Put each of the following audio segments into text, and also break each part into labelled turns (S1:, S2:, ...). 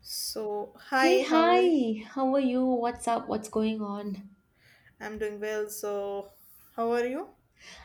S1: So,
S2: Hey,
S1: hi, how are you?
S2: hi, how are you? What's up? What's going on?
S1: I'm doing well. So, how are you?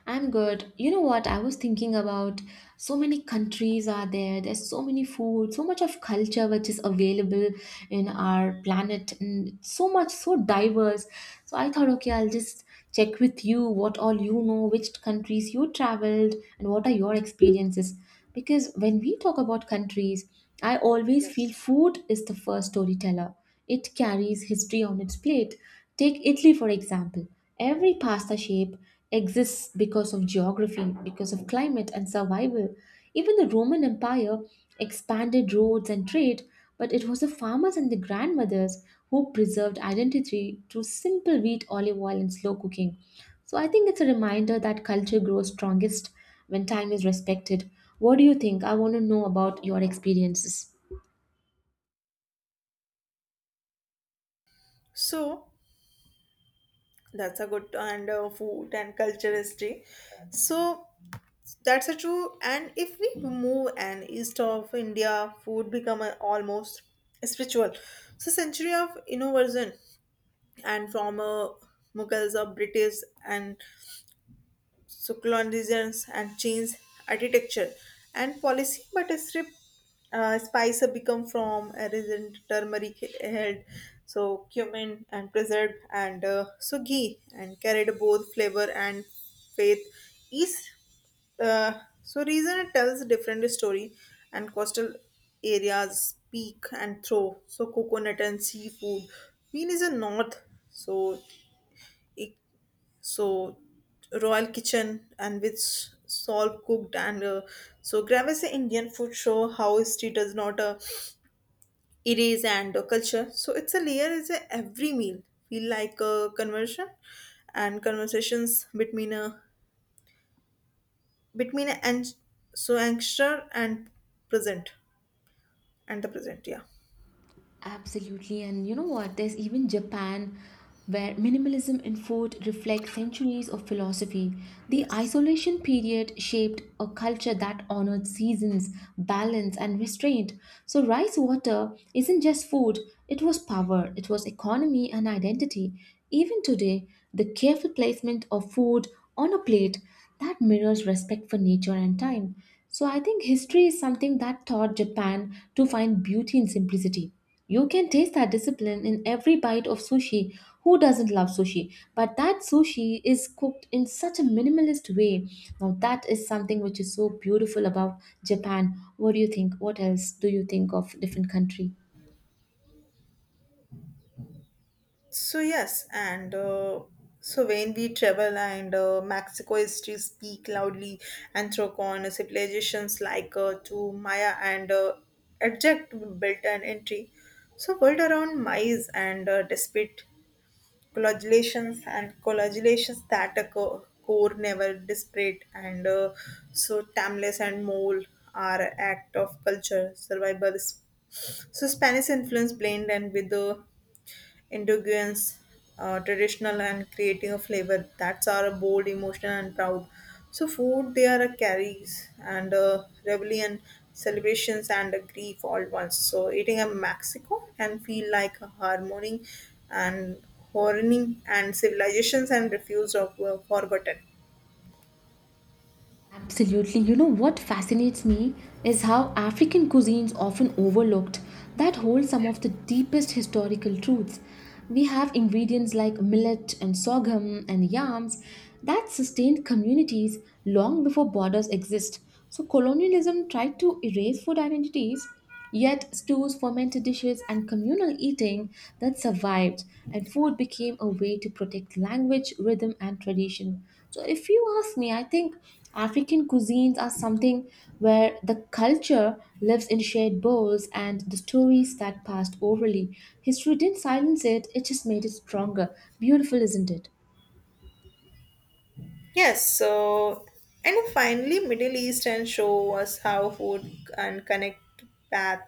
S2: I'm good. You know what? I was thinking about so many countries are there, there's so many food, so much of culture which is available in our planet, and so much, so diverse. So I thought, okay, I'll just check with you what all you know, which countries you traveled, and what are your experiences. Because when we talk about countries, I always feel
S1: Yes.
S2: food is the first storyteller. It carries history on its plate. Take Italy, for example. Every pasta shape exists because of geography, because of climate and survival. Even the Roman Empire expanded roads and trade, but it was the farmers and the grandmothers who preserved identity through simple wheat, olive oil, and slow cooking. So I think it's a reminder that culture grows strongest when time is respected. What do you think? I want to know about your experiences.
S1: So, that's a good and food and culture history. So, that's a true. And if we move and east of India, food become a, almost spiritual. So, century of innovation and from Mughals or British and secularism and change architecture and policy, but a strip spice have become from a resin, turmeric held, so cumin and preserved and so ghee and carried both flavor and faith east. uh, so reason it tells different story and coastal areas peak and throw so coconut and seafood Queen is a north so it so royal kitchen and which solve cooked and so gravis indian food show how history does not erase and culture so it's a layer is a every meal feel like a conversion and conversations between a and so anxious and present and the present, yeah.
S2: Absolutely, and you know what? There's even Japan, where minimalism in food reflects centuries of philosophy. The
S1: Yes.
S2: isolation period shaped a culture that honored seasons, balance, and restraint. So, rice water isn't just food, it was power, it was economy, and identity. Even today, the careful placement of food on a plate that mirrors respect for nature and time. So, I think history is something that taught Japan to find beauty in simplicity. You can taste that discipline in every bite of sushi. Who doesn't love sushi? But that sushi is cooked in such a minimalist way. Now, that is something which is so beautiful about Japan. What do you think? What else do you think of different country?
S1: So yes, and so when we travel and Mexico history speak loudly, Anthrocon civilizations like to Maya and abject built an entry. So world around Mayas and despite congratulations that a core never disparate and so timeless and mole are act of culture survival. So Spanish influence blend and with the indigenous, traditional, and creating a flavor that's our bold, emotional, and proud. So food they are a carries and a rebellion, celebrations and a grief all once. So eating a Mexico can feel like a harmony and horny and civilizations and refuse of were forgotten.
S2: Absolutely. You know what fascinates me is how African cuisines often overlooked that hold some of the deepest historical truths. We have ingredients like millet and sorghum and yams that sustained communities long before borders exist. So colonialism tried to erase food identities, yet stews, fermented dishes, and communal eating that survived, and food became a way to protect language, rhythm, and tradition. So, if you ask me, I think African cuisines are something where the culture lives in shared bowls and the stories that passed orally. History didn't silence it, it just made it stronger. Beautiful, isn't it?
S1: Yes, so and finally, Middle East and show us how food and connect path,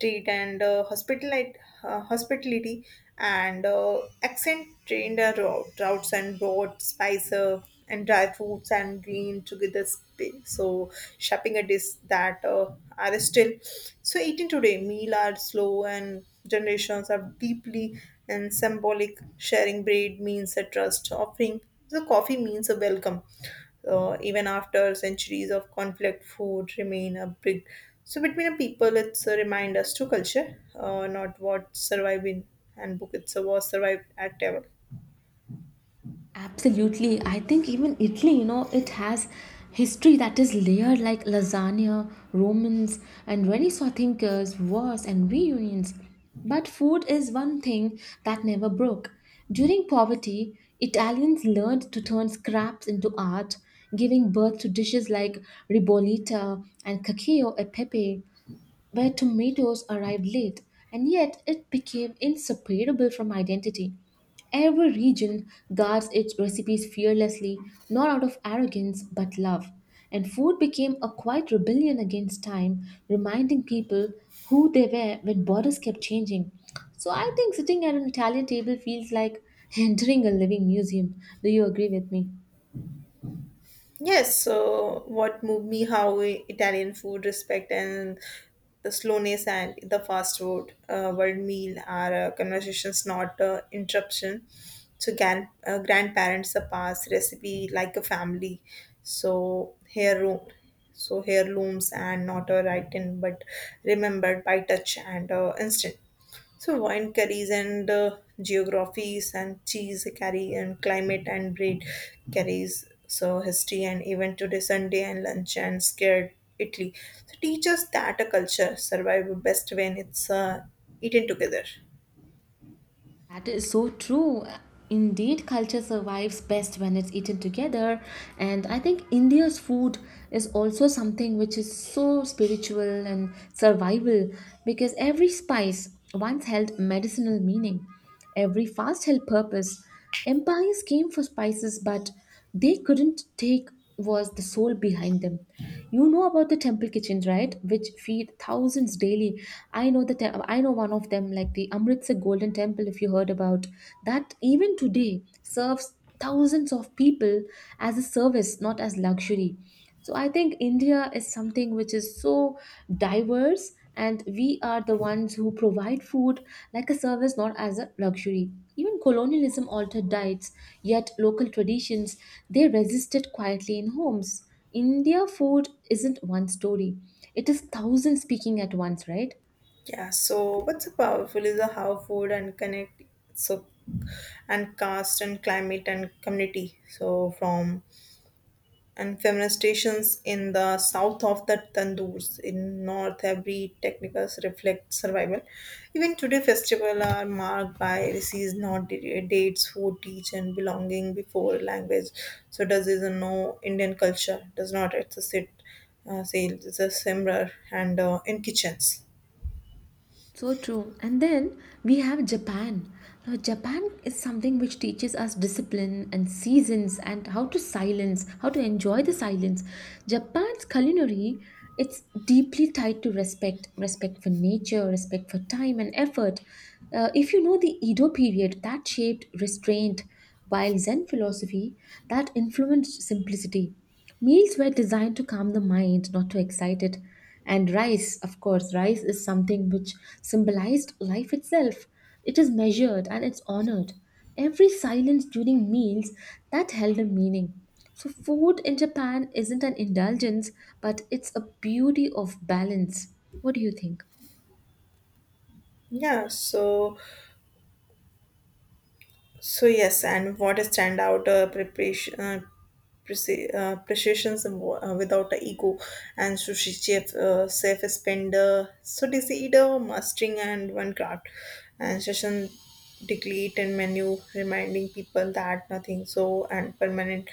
S1: treat and hospitality and accent trained our routes and broad spice and dry fruits and green together. So shopping a dish that are still so eating today. Meal are slow and generations are deeply and symbolic. Sharing bread means a trust offering so coffee means a welcome. Even after centuries of conflict, food remain a big. So between a people, it's a remind us to culture, not what survived in handbook. It's a was survived at table.
S2: Absolutely. I think even Italy, you know, it has history that is layered like lasagna, Romans, and Renaissance thinkers, wars, and reunions. But food is one thing that never broke. During poverty, Italians learned to turn scraps into art, giving birth to dishes like ribollita and cacio e pepe where tomatoes arrived late, and yet it became inseparable from identity. Every region guards its recipes fearlessly, not out of arrogance but love. And food became a quiet rebellion against time, reminding people who they were when borders kept changing. So I think sitting at an Italian table feels like entering a living museum. Do you agree with me?
S1: Yes, so what moved me how Italian food respect and the slowness and the fast food world meal are conversations, not interruption. So grandparents pass recipe like a family. So hair looms and not a written but remembered by touch and instant. So wine carries and geographies and cheese carry and climate and breed carries so history and even today Sunday and lunch and scared Italy. So teach us that a culture survive best when it's eaten together.
S2: That is so true. Indeed, culture survives best when it's eaten together. And I think India's food is also something which is so spiritual and survival because every spice once held medicinal meaning, every fast held purpose. Empires came for spices, but they couldn't take was the soul behind them. You know about the temple kitchens, right? Which feed thousands daily. I know one of them, like the Amritsar Golden Temple, if you heard about that. Even today, serves thousands of people as a service, not as luxury. So I think India is something which is so diverse, and we are the ones who provide food like a service, not as a luxury. Even colonialism altered diets, yet local traditions they resisted quietly in homes. India food isn't one story. It is thousand speaking at once, right?
S1: Yeah. So what's so powerful is how food and connect so and caste and climate and community. So from and feminist stations in the south of the tandoors in north every technicals reflect survival even today festivals are marked by disease not dates food teach and belonging before language so does is a no indian culture does not exist sales is a similar and in kitchens,
S2: So true. And then we have Japan. Now, Japan is something which teaches us discipline and seasons and how to silence, how to enjoy the silence. Japan's culinary, it's deeply tied to respect, respect for nature, respect for time and effort. If you know the Edo period, that shaped restraint, while Zen philosophy, that influenced simplicity. Meals were designed to calm the mind, not to excite it. And rice, of course, rice is something which symbolized life itself. It is measured and it's honored. Every silence during meals that held a meaning. So, food in Japan isn't an indulgence, but it's a beauty of balance. What do you think?
S1: yeah. so So yes, and what a standout precisions without a ego, and chef spender, so dizzy eater, mastering and one craft, and session degree and menu, reminding people that nothing so and permanent.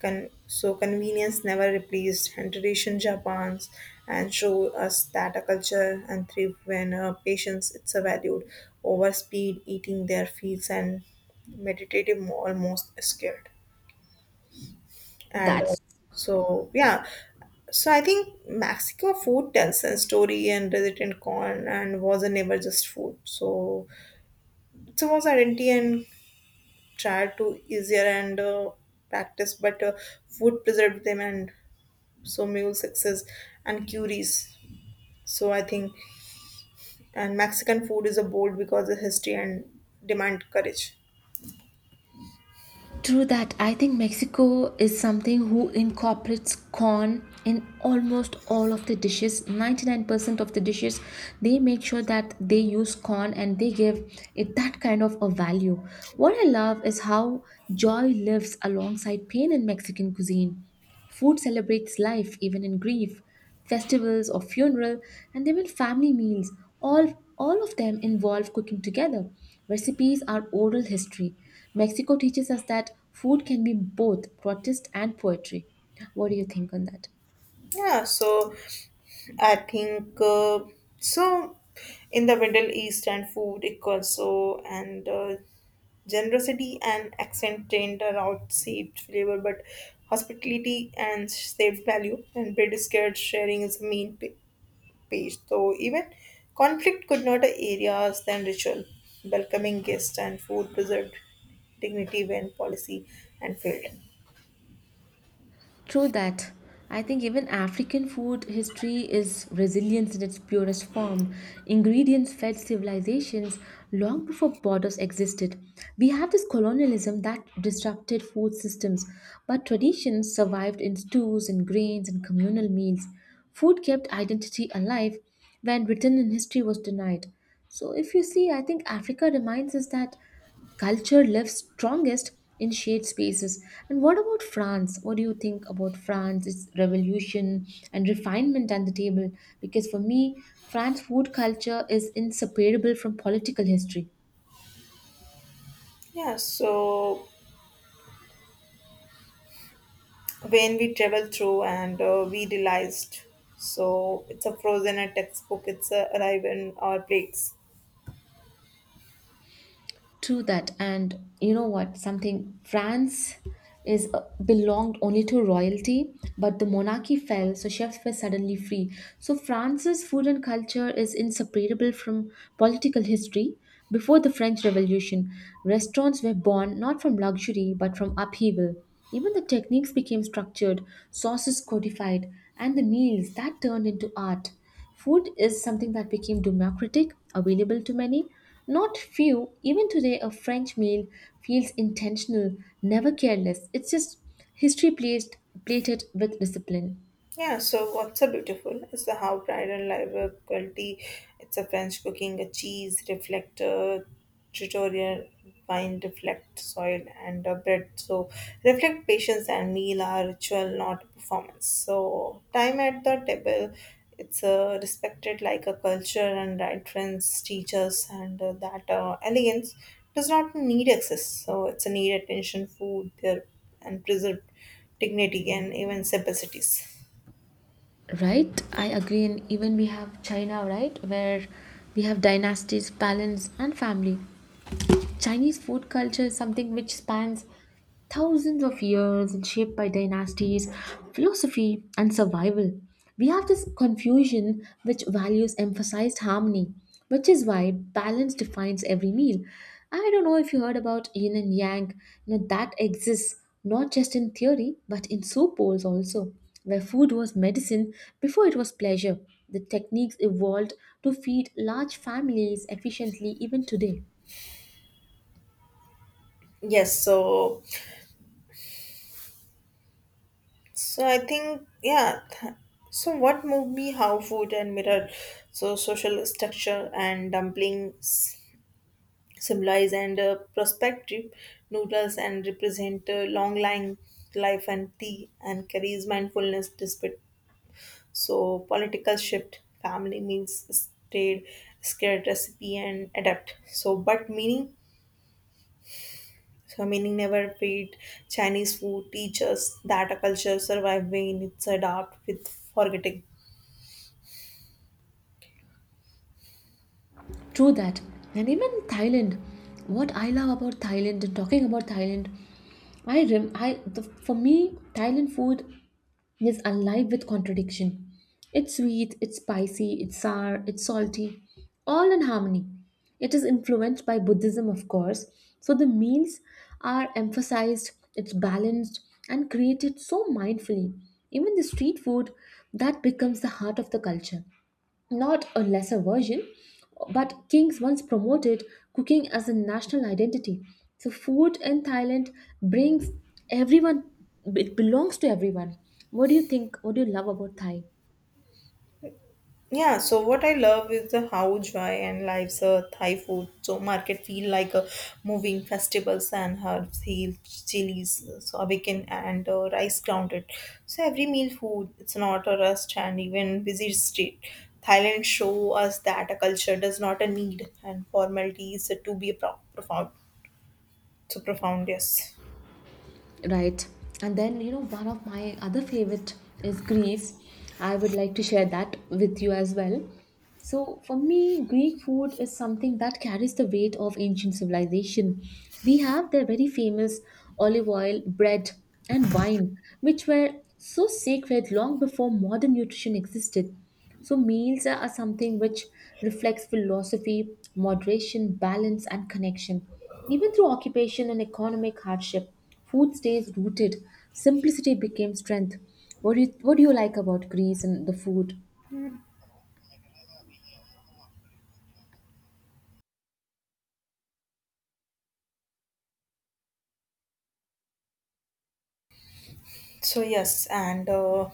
S1: So convenience never replaced and tradition Japan's and show us that a culture and thrift when patience it's a valued over speed eating their fields and meditative almost scared and so yeah. So I think mexico food tells a story and resident corn and was a never just food so it was identity and tried to easier and practice but food preserved them and so mule success and curies so I think and mexican food is a bold because of history and demand courage.
S2: True that. I think Mexico is something who incorporates corn in almost all of the dishes. 99% of the dishes, they make sure that they use corn and they give it that kind of a value. What I love is how joy lives alongside pain in Mexican cuisine. Food celebrates life even in grief, festivals or funeral, and even family meals. All of them involve cooking together. Recipes are oral history. Mexico teaches us that food can be both protest and poetry. What do you think on that?
S1: Yeah, so I think so. In the Middle East and food, it also and generosity and accent trained around saved flavor, but hospitality and saved value and bread is scared sharing is the main page. So even conflict could not areas than ritual, welcoming guests and food preserved dignity when policy and failed.
S2: True that. I think even African food history is resilience in its purest form. Ingredients fed civilizations long before borders existed. We have this colonialism that disrupted food systems, but traditions survived in stews and grains and communal meals. Food kept identity alive when written in history was denied. So, if you see, I think Africa reminds us that culture lives strongest in shared spaces. And what about France? What do you think about France, its revolution and refinement at the table? Because for me, France food culture is inseparable from political history.
S1: Yeah, so when we travel through and we realized so it's a frozen a textbook it's a arrive in our plates.
S2: True that, and you know what? Something France is belonged only to royalty, but the monarchy fell, so chefs were suddenly free. So France's food and culture is inseparable from political history. Before the French Revolution, restaurants were born not from luxury but from upheaval. Even the techniques became structured, sauces codified, and the meals that turned into art. Food is something that became democratic, available to many, not few. Even today, a French meal feels intentional, never careless. It's just history placed, plated with discipline.
S1: Yeah, so what's so beautiful is the how pride and liability. It's a French cooking, a cheese reflector, tutorial wine reflect soil and a bread. So reflect patience and meal are ritual, not performance. So time at the table, it's respected like a culture and right friends, teachers, and that elegance does not need access. So it's a need attention, food, there and preserved dignity and even simplicities.
S2: Right, I agree. And even we have China, right, where we have dynasties, balance, and family. Chinese food culture is something which spans thousands of years and shaped by dynasties, philosophy, and survival. We have this confusion which values emphasized harmony, which is why balance defines every meal. I don't know if you heard about yin and yang, you know, that exists not just in theory but in soup bowls also, where food was medicine before it was pleasure. The techniques evolved to feed large families efficiently even today.
S1: Yes, so I think, so what moved me how food and mirror, so social structure and dumplings symbolize and prospective noodles and represent long line life and tea and carries mindfulness despite so political shift family means stayed scared recipe and adapt, so but meaning never wait. Chinese food teaches that a culture survive when it's adapt with forgetting.
S2: True that. And even Thailand, what I love about Thailand and talking about Thailand, I rem I the, for me Thailand food is alive with contradiction. It's sweet, it's spicy, it's sour, it's salty, all in harmony. It is influenced by Buddhism, of course, so the meals are emphasized, it's balanced and created so mindfully. Even the street food that becomes the heart of the culture not a lesser version, but kings once promoted cooking as a national identity. So food in Thailand brings everyone, it belongs to everyone. What do you think? What do you love about Thai?
S1: Yeah, so what I love is the how joy and lives a Thai food. So market feel like a moving festivals and herbs, heels, chilies, so awaken and rice grounded. So every meal food, it's not a rust and even busy street. Thailand show us that a culture does not a need and formalities to be profound. So profound, yes.
S2: Right, and then you know one of my other favorite is Greece. I would like to share that with you as well. So for me Greek food is something that carries the weight of ancient civilization. We have their very famous olive oil, bread, and wine which were so sacred long before modern nutrition existed. So meals are something which reflects philosophy, moderation, balance, and connection, even through occupation and economic hardship. Food stays rooted. Simplicity became strength. What do you like about Greece and the food?
S1: So yes, and uh,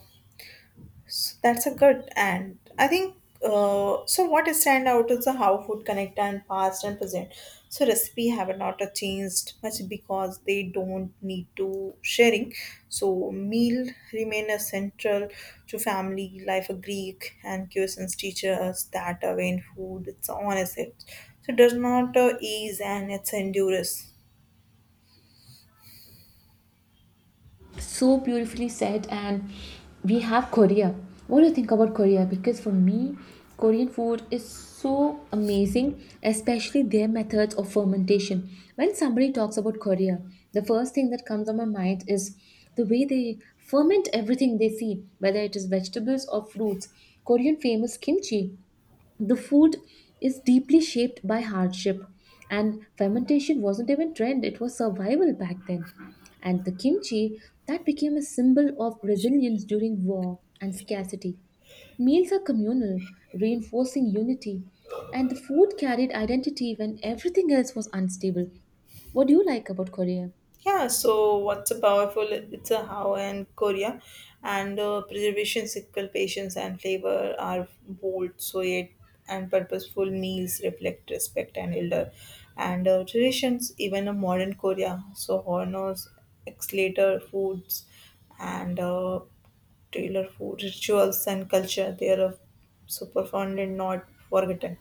S1: s- that's a good and I think What is stand out is the how food connect and past and present. So recipe have not changed much because they don't need to sharing. So meal remain essential to family life. A Greek and cuisines teaches us that when food it's honest, it so does not ease and it's endures.
S2: So beautifully said. And we have Korea. What do you think about Korea? Because for me, Korean food is so amazing, especially their methods of fermentation. When somebody talks about Korea, the first thing that comes on my mind is the way they ferment everything they see, whether it is vegetables or fruits. Korean famous kimchi. The food is deeply shaped by hardship, and fermentation wasn't even trend, it was survival back then. And the kimchi that became a symbol of resilience during war and scarcity. Meals are communal, reinforcing unity, and the food carried identity when everything else was unstable. What do you like about Korea?
S1: Yeah, so what's a powerful? It's a how and Korea, and preservation cycle patience and flavor are bold, so yet and purposeful meals reflect respect and elder, and traditions. Even a modern Korea, so honors, exclator foods, and tailor food rituals and culture. They are so profound and not forgotten.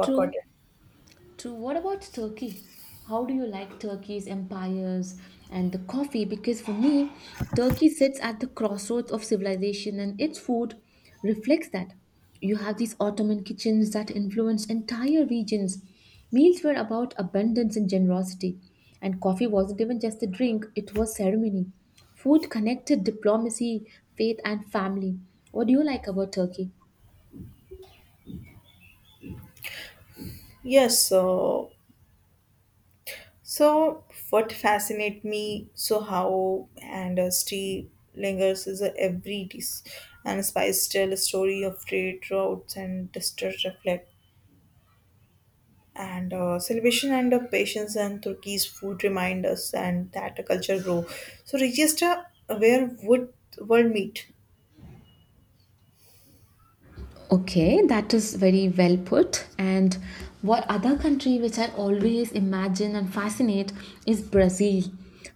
S2: True. True. What about Turkey? How do you like Turkey's empires and the coffee? Because for me, Turkey sits at the crossroads of civilization and its food reflects that. You have these Ottoman kitchens that influenced entire regions. Meals were about abundance and generosity. And coffee wasn't even just a drink, it was ceremony. Food connected diplomacy, faith, and family. What do you like about Turkey?
S1: Yes, so so, what fascinates me so how and still lingers is a every dish and spice tell a story of trade routes and distress reflect and celebration and patience and Turkey's food remind us and that a culture grow. So register where would world meet.
S2: Okay, that is very well put. And what other country which I always imagine and fascinate is Brazil.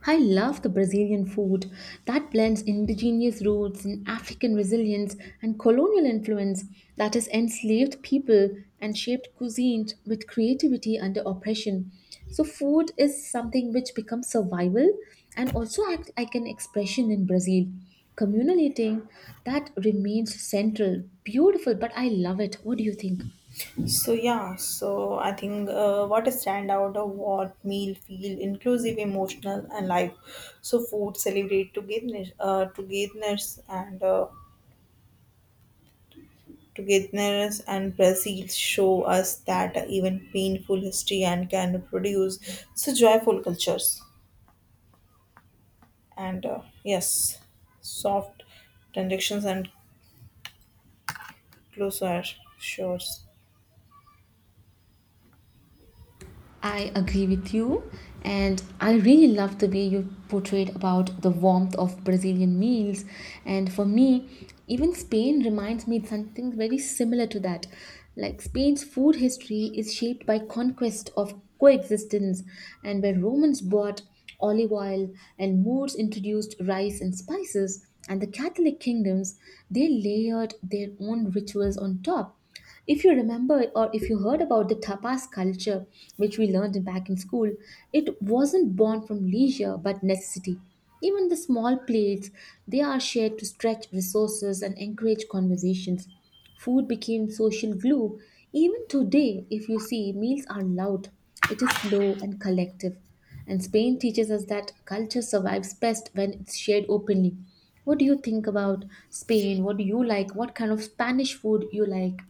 S2: I love the Brazilian food that blends indigenous roots and African resilience and colonial influence that has enslaved people and shaped cuisine with creativity under oppression. So food is something which becomes survival and also act like an expression in Brazil, communal eating that remains central. Beautiful, but I love it. What do you think?
S1: So yeah, so I think what a standout of what meal feel inclusive, emotional, and life. So food celebrate togetherness, togetherness, and Brazil show us that even painful history and can produce so joyful cultures. And yes, soft transactions and closer shores.
S2: I agree with you, and I really love the way you portrayed about the warmth of Brazilian meals. And for me, even Spain reminds me something very similar to that. Like Spain's food history is shaped by conquest of coexistence, and where Romans brought olive oil and Moors introduced rice and spices, and the Catholic kingdoms, they layered their own rituals on top. If you remember or if you heard about the tapas culture, which we learned back in school, it wasn't born from leisure but necessity. Even the small plates, they are shared to stretch resources and encourage conversations. Food became social glue. Even today, if you see, meals are loud, it is slow and collective. And Spain teaches us that culture survives best when it's shared openly. What do you think about Spain? What do you like? What kind of Spanish food you like?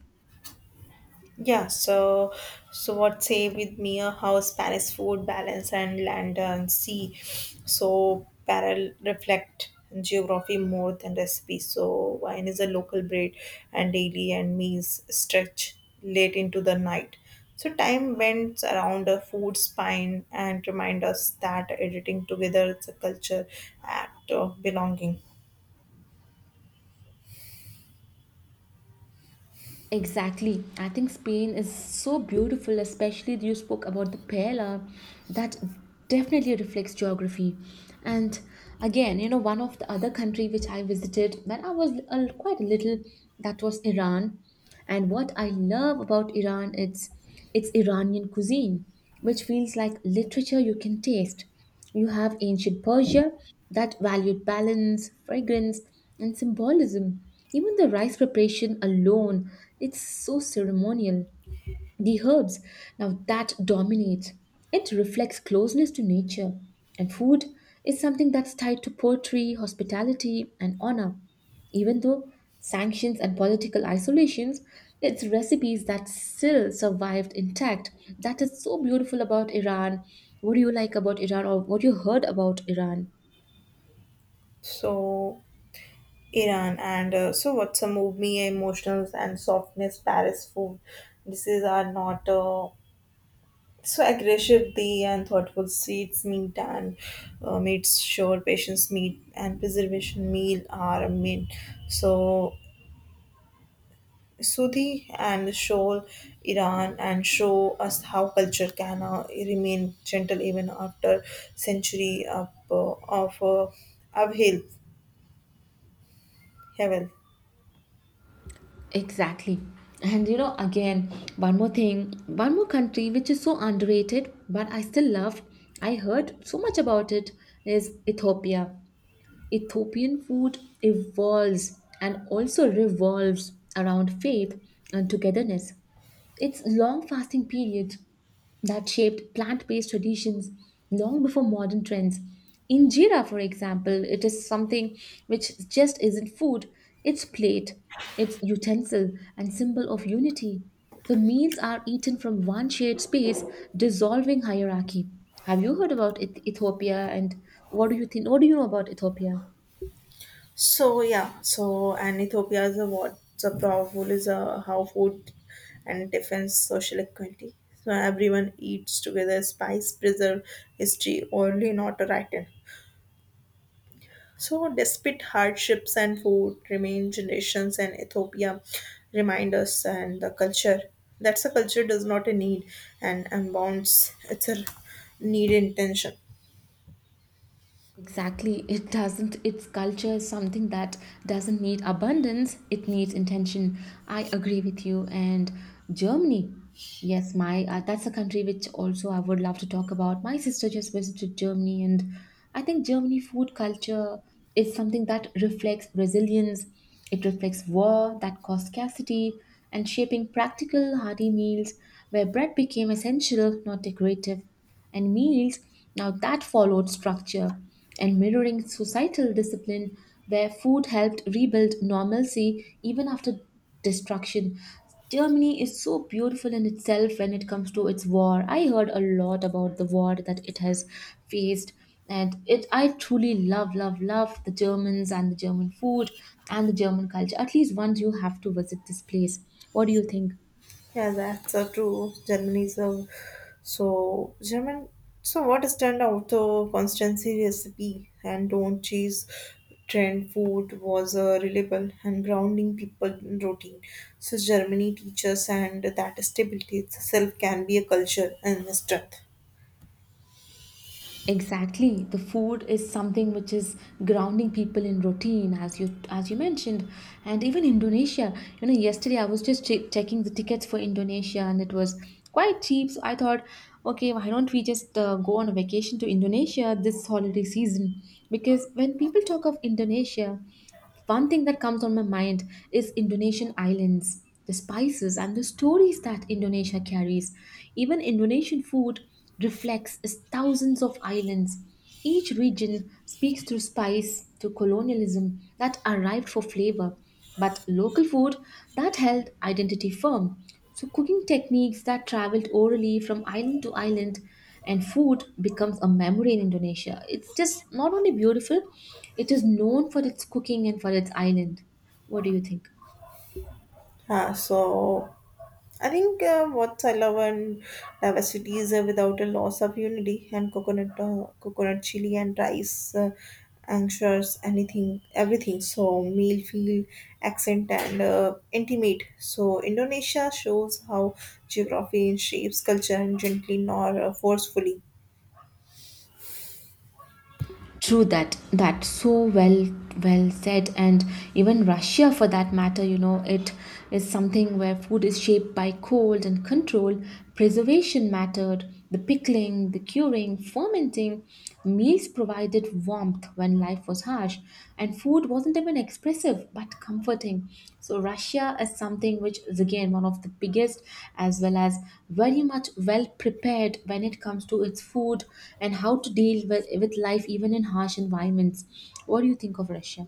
S1: Yeah, so what say with me how Spanish food balance and land and sea so parallel reflect geography more than recipe. So wine is a local breed and daily and meals stretch late into the night. So time bends around a food spine and remind us that editing together is a culture act of belonging.
S2: Exactly. I think Spain is so beautiful, especially you spoke about the paella. That definitely reflects geography. And again, you know, one of the other country which I visited when I was quite a little, that was Iran. And what I love about Iran, it's Iranian cuisine, which feels like literature you can taste. You have ancient Persia that valued balance, fragrance, and symbolism. Even the rice preparation alone, it's so ceremonial. The herbs, now that dominates. It reflects closeness to nature. And food is something that's tied to poetry, hospitality, and honor. Even though sanctions and political isolations, it's recipes that still survived intact. That is so beautiful about Iran. What do you like about Iran, or what you heard about Iran?
S1: So Iran and so what's a move me emotions and softness Paris food this is are not so aggressive they and thoughtful seeds meat and meats sure patience meat and preservation meal are a meat so Sudhi and Shoal Iran and show us how culture can remain gentle even after century of, uphill. Hevel.
S2: Exactly. And you know, again, one more thing, one more country which is so underrated, but I still love, I heard so much about it, is Ethiopia. Ethiopian food evolves and also revolves around faith and togetherness. It's long fasting periods that shaped plant based traditions long before modern trends. Injera, for example, it is something which just isn't food, it's plate, it's utensil, and symbol of unity. So meals are eaten from one shared space, dissolving hierarchy. Have you heard about Ethiopia, and what do you think? What do you know about Ethiopia?
S1: So yeah, so and Ethiopia is a what's a powerful is a how food and defense social equality. So everyone eats together, spice, preserve, history, only not a writing. So despite hardships and food, remain generations and Ethiopia remind us and the culture. That's a culture does not a need and unbounds. It's a need intention.
S2: Exactly. It doesn't, its culture is something that doesn't need abundance, it needs intention. I agree with you. And Germany, yes, my that's a country which also I would love to talk about. My sister just visited Germany, and I think Germany food culture is something that reflects resilience, it reflects war that caused scarcity, and shaping practical, hearty meals where bread became essential, not decorative and meals. Now, that followed structure and mirroring societal discipline, where food helped rebuild normalcy even after destruction. Germany is so beautiful in itself when it comes to its war. I heard a lot about the war that it has faced, and it I truly love, love, love the Germans and the German food and the German culture. At least once you have to visit this place. What do you think?
S1: Yeah, that's true. Germany is a so German. So what stand out the constancy recipe and don't cheese trend food was reliable and grounding people in routine. So Germany teaches and that stability itself can be a culture and a strength.
S2: Exactly. The food is something which is grounding people in routine, as you mentioned, and even Indonesia. You know, yesterday I was just checking the tickets for Indonesia, and it was quite cheap. So I thought, okay, why don't we just go on a vacation to Indonesia this holiday season? Because when people talk of Indonesia, one thing that comes on my mind is Indonesian islands, the spices and the stories that Indonesia carries. Even Indonesian food reflects its thousands of islands. Each region speaks through spice to colonialism that arrived for flavor, but local food that held identity firm. So, cooking techniques that traveled orally from island to island and food becomes a memory in Indonesia. It's just not only beautiful, it is known for its cooking and for its island. What do you think?
S1: So I think what I love and diversity is without a loss of unity and coconut chili and rice, anxious, anything, everything. So meal, feel, accent and intimate. So Indonesia shows how geography shapes culture and gently nor forcefully.
S2: True that, that so well said, and even Russia for that matter, you know, it is something where food is shaped by cold and control, preservation mattered, the pickling, the curing, fermenting. Meals provided warmth when life was harsh, and food wasn't even expressive but comforting. So, Russia is something which is again one of the biggest, as well as very much well prepared when it comes to its food and how to deal with life even in harsh environments. What do you think of Russia?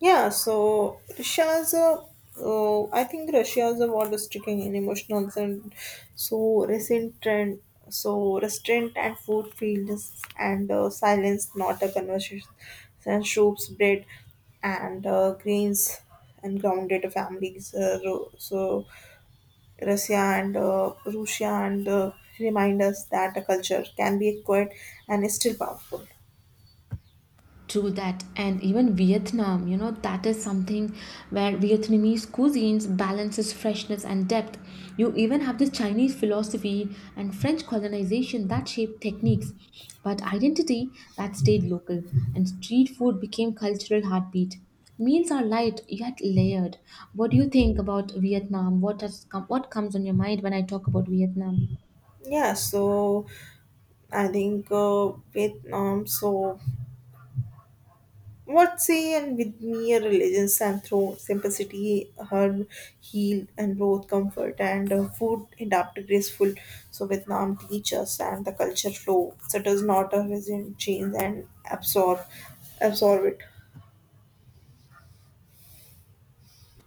S1: Yeah, so Russia's a, I think Russia's a war stricken in emotions and so recent trend, so restraint and food fields and silence, not a conversation, and soups, bread, and grains and grounded families. So Russia Russia and remind us that a culture can be quiet and is still powerful.
S2: True that, and even Vietnam, you know, that is something where Vietnamese cuisines balances freshness and depth. You even have this Chinese philosophy and French colonization that shaped techniques, but identity that stayed local, and street food became cultural heartbeat. Meals are light yet layered. What do you think about Vietnam? What comes on your mind when I talk about Vietnam?
S1: Yeah, so I think Vietnam. So, what say and with mere religions and through simplicity, her healed and both comfort and food adapted graceful. So, Vietnam teaches and the culture flow. So, it does not a resident change and absorb it.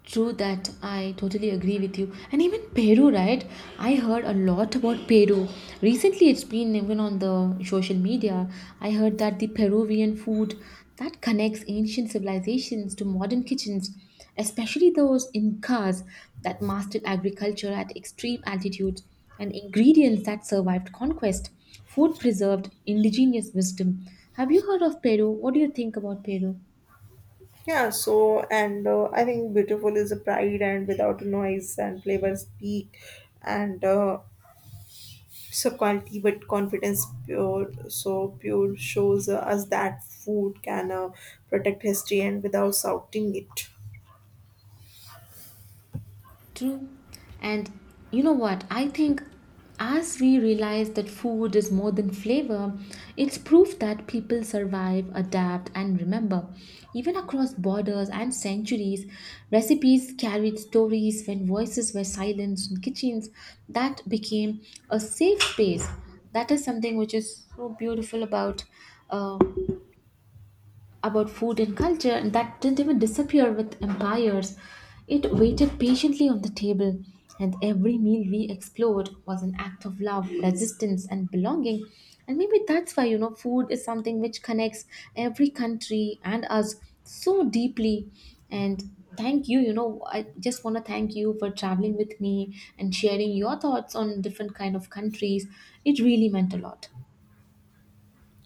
S2: True that. I totally agree with you. And even Peru, right? I heard a lot about Peru. Recently, it's been even on the social media. I heard that the Peruvian food that connects ancient civilizations to modern kitchens, especially those Incas that mastered agriculture at extreme altitudes and ingredients that survived conquest. Food preserved indigenous wisdom. Have you heard of Peru? What do you think about Peru?
S1: Yeah, so and I think beautiful is a pride and without noise and flavors speak and so quality but confidence pure so pure shows us that food can protect history and without shouting it.
S2: True. And you know what? I think as we realize that food is more than flavor, it's proof that people survive, adapt, and remember. Even across borders and centuries, recipes carried stories when voices were silenced in kitchens. That became a safe space. That is something which is so beautiful uh, about food and culture, and that didn't even disappear with empires. It waited patiently on the table, and every meal we explored was an act of love, resistance, and belonging. And maybe that's why, you know, food is something which connects every country and us so deeply. And thank you, you know, I just want to thank you for traveling with me and sharing your thoughts on different kind of countries. It really meant a lot.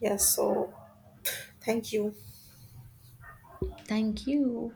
S1: Yes, so thank you.
S2: Thank you.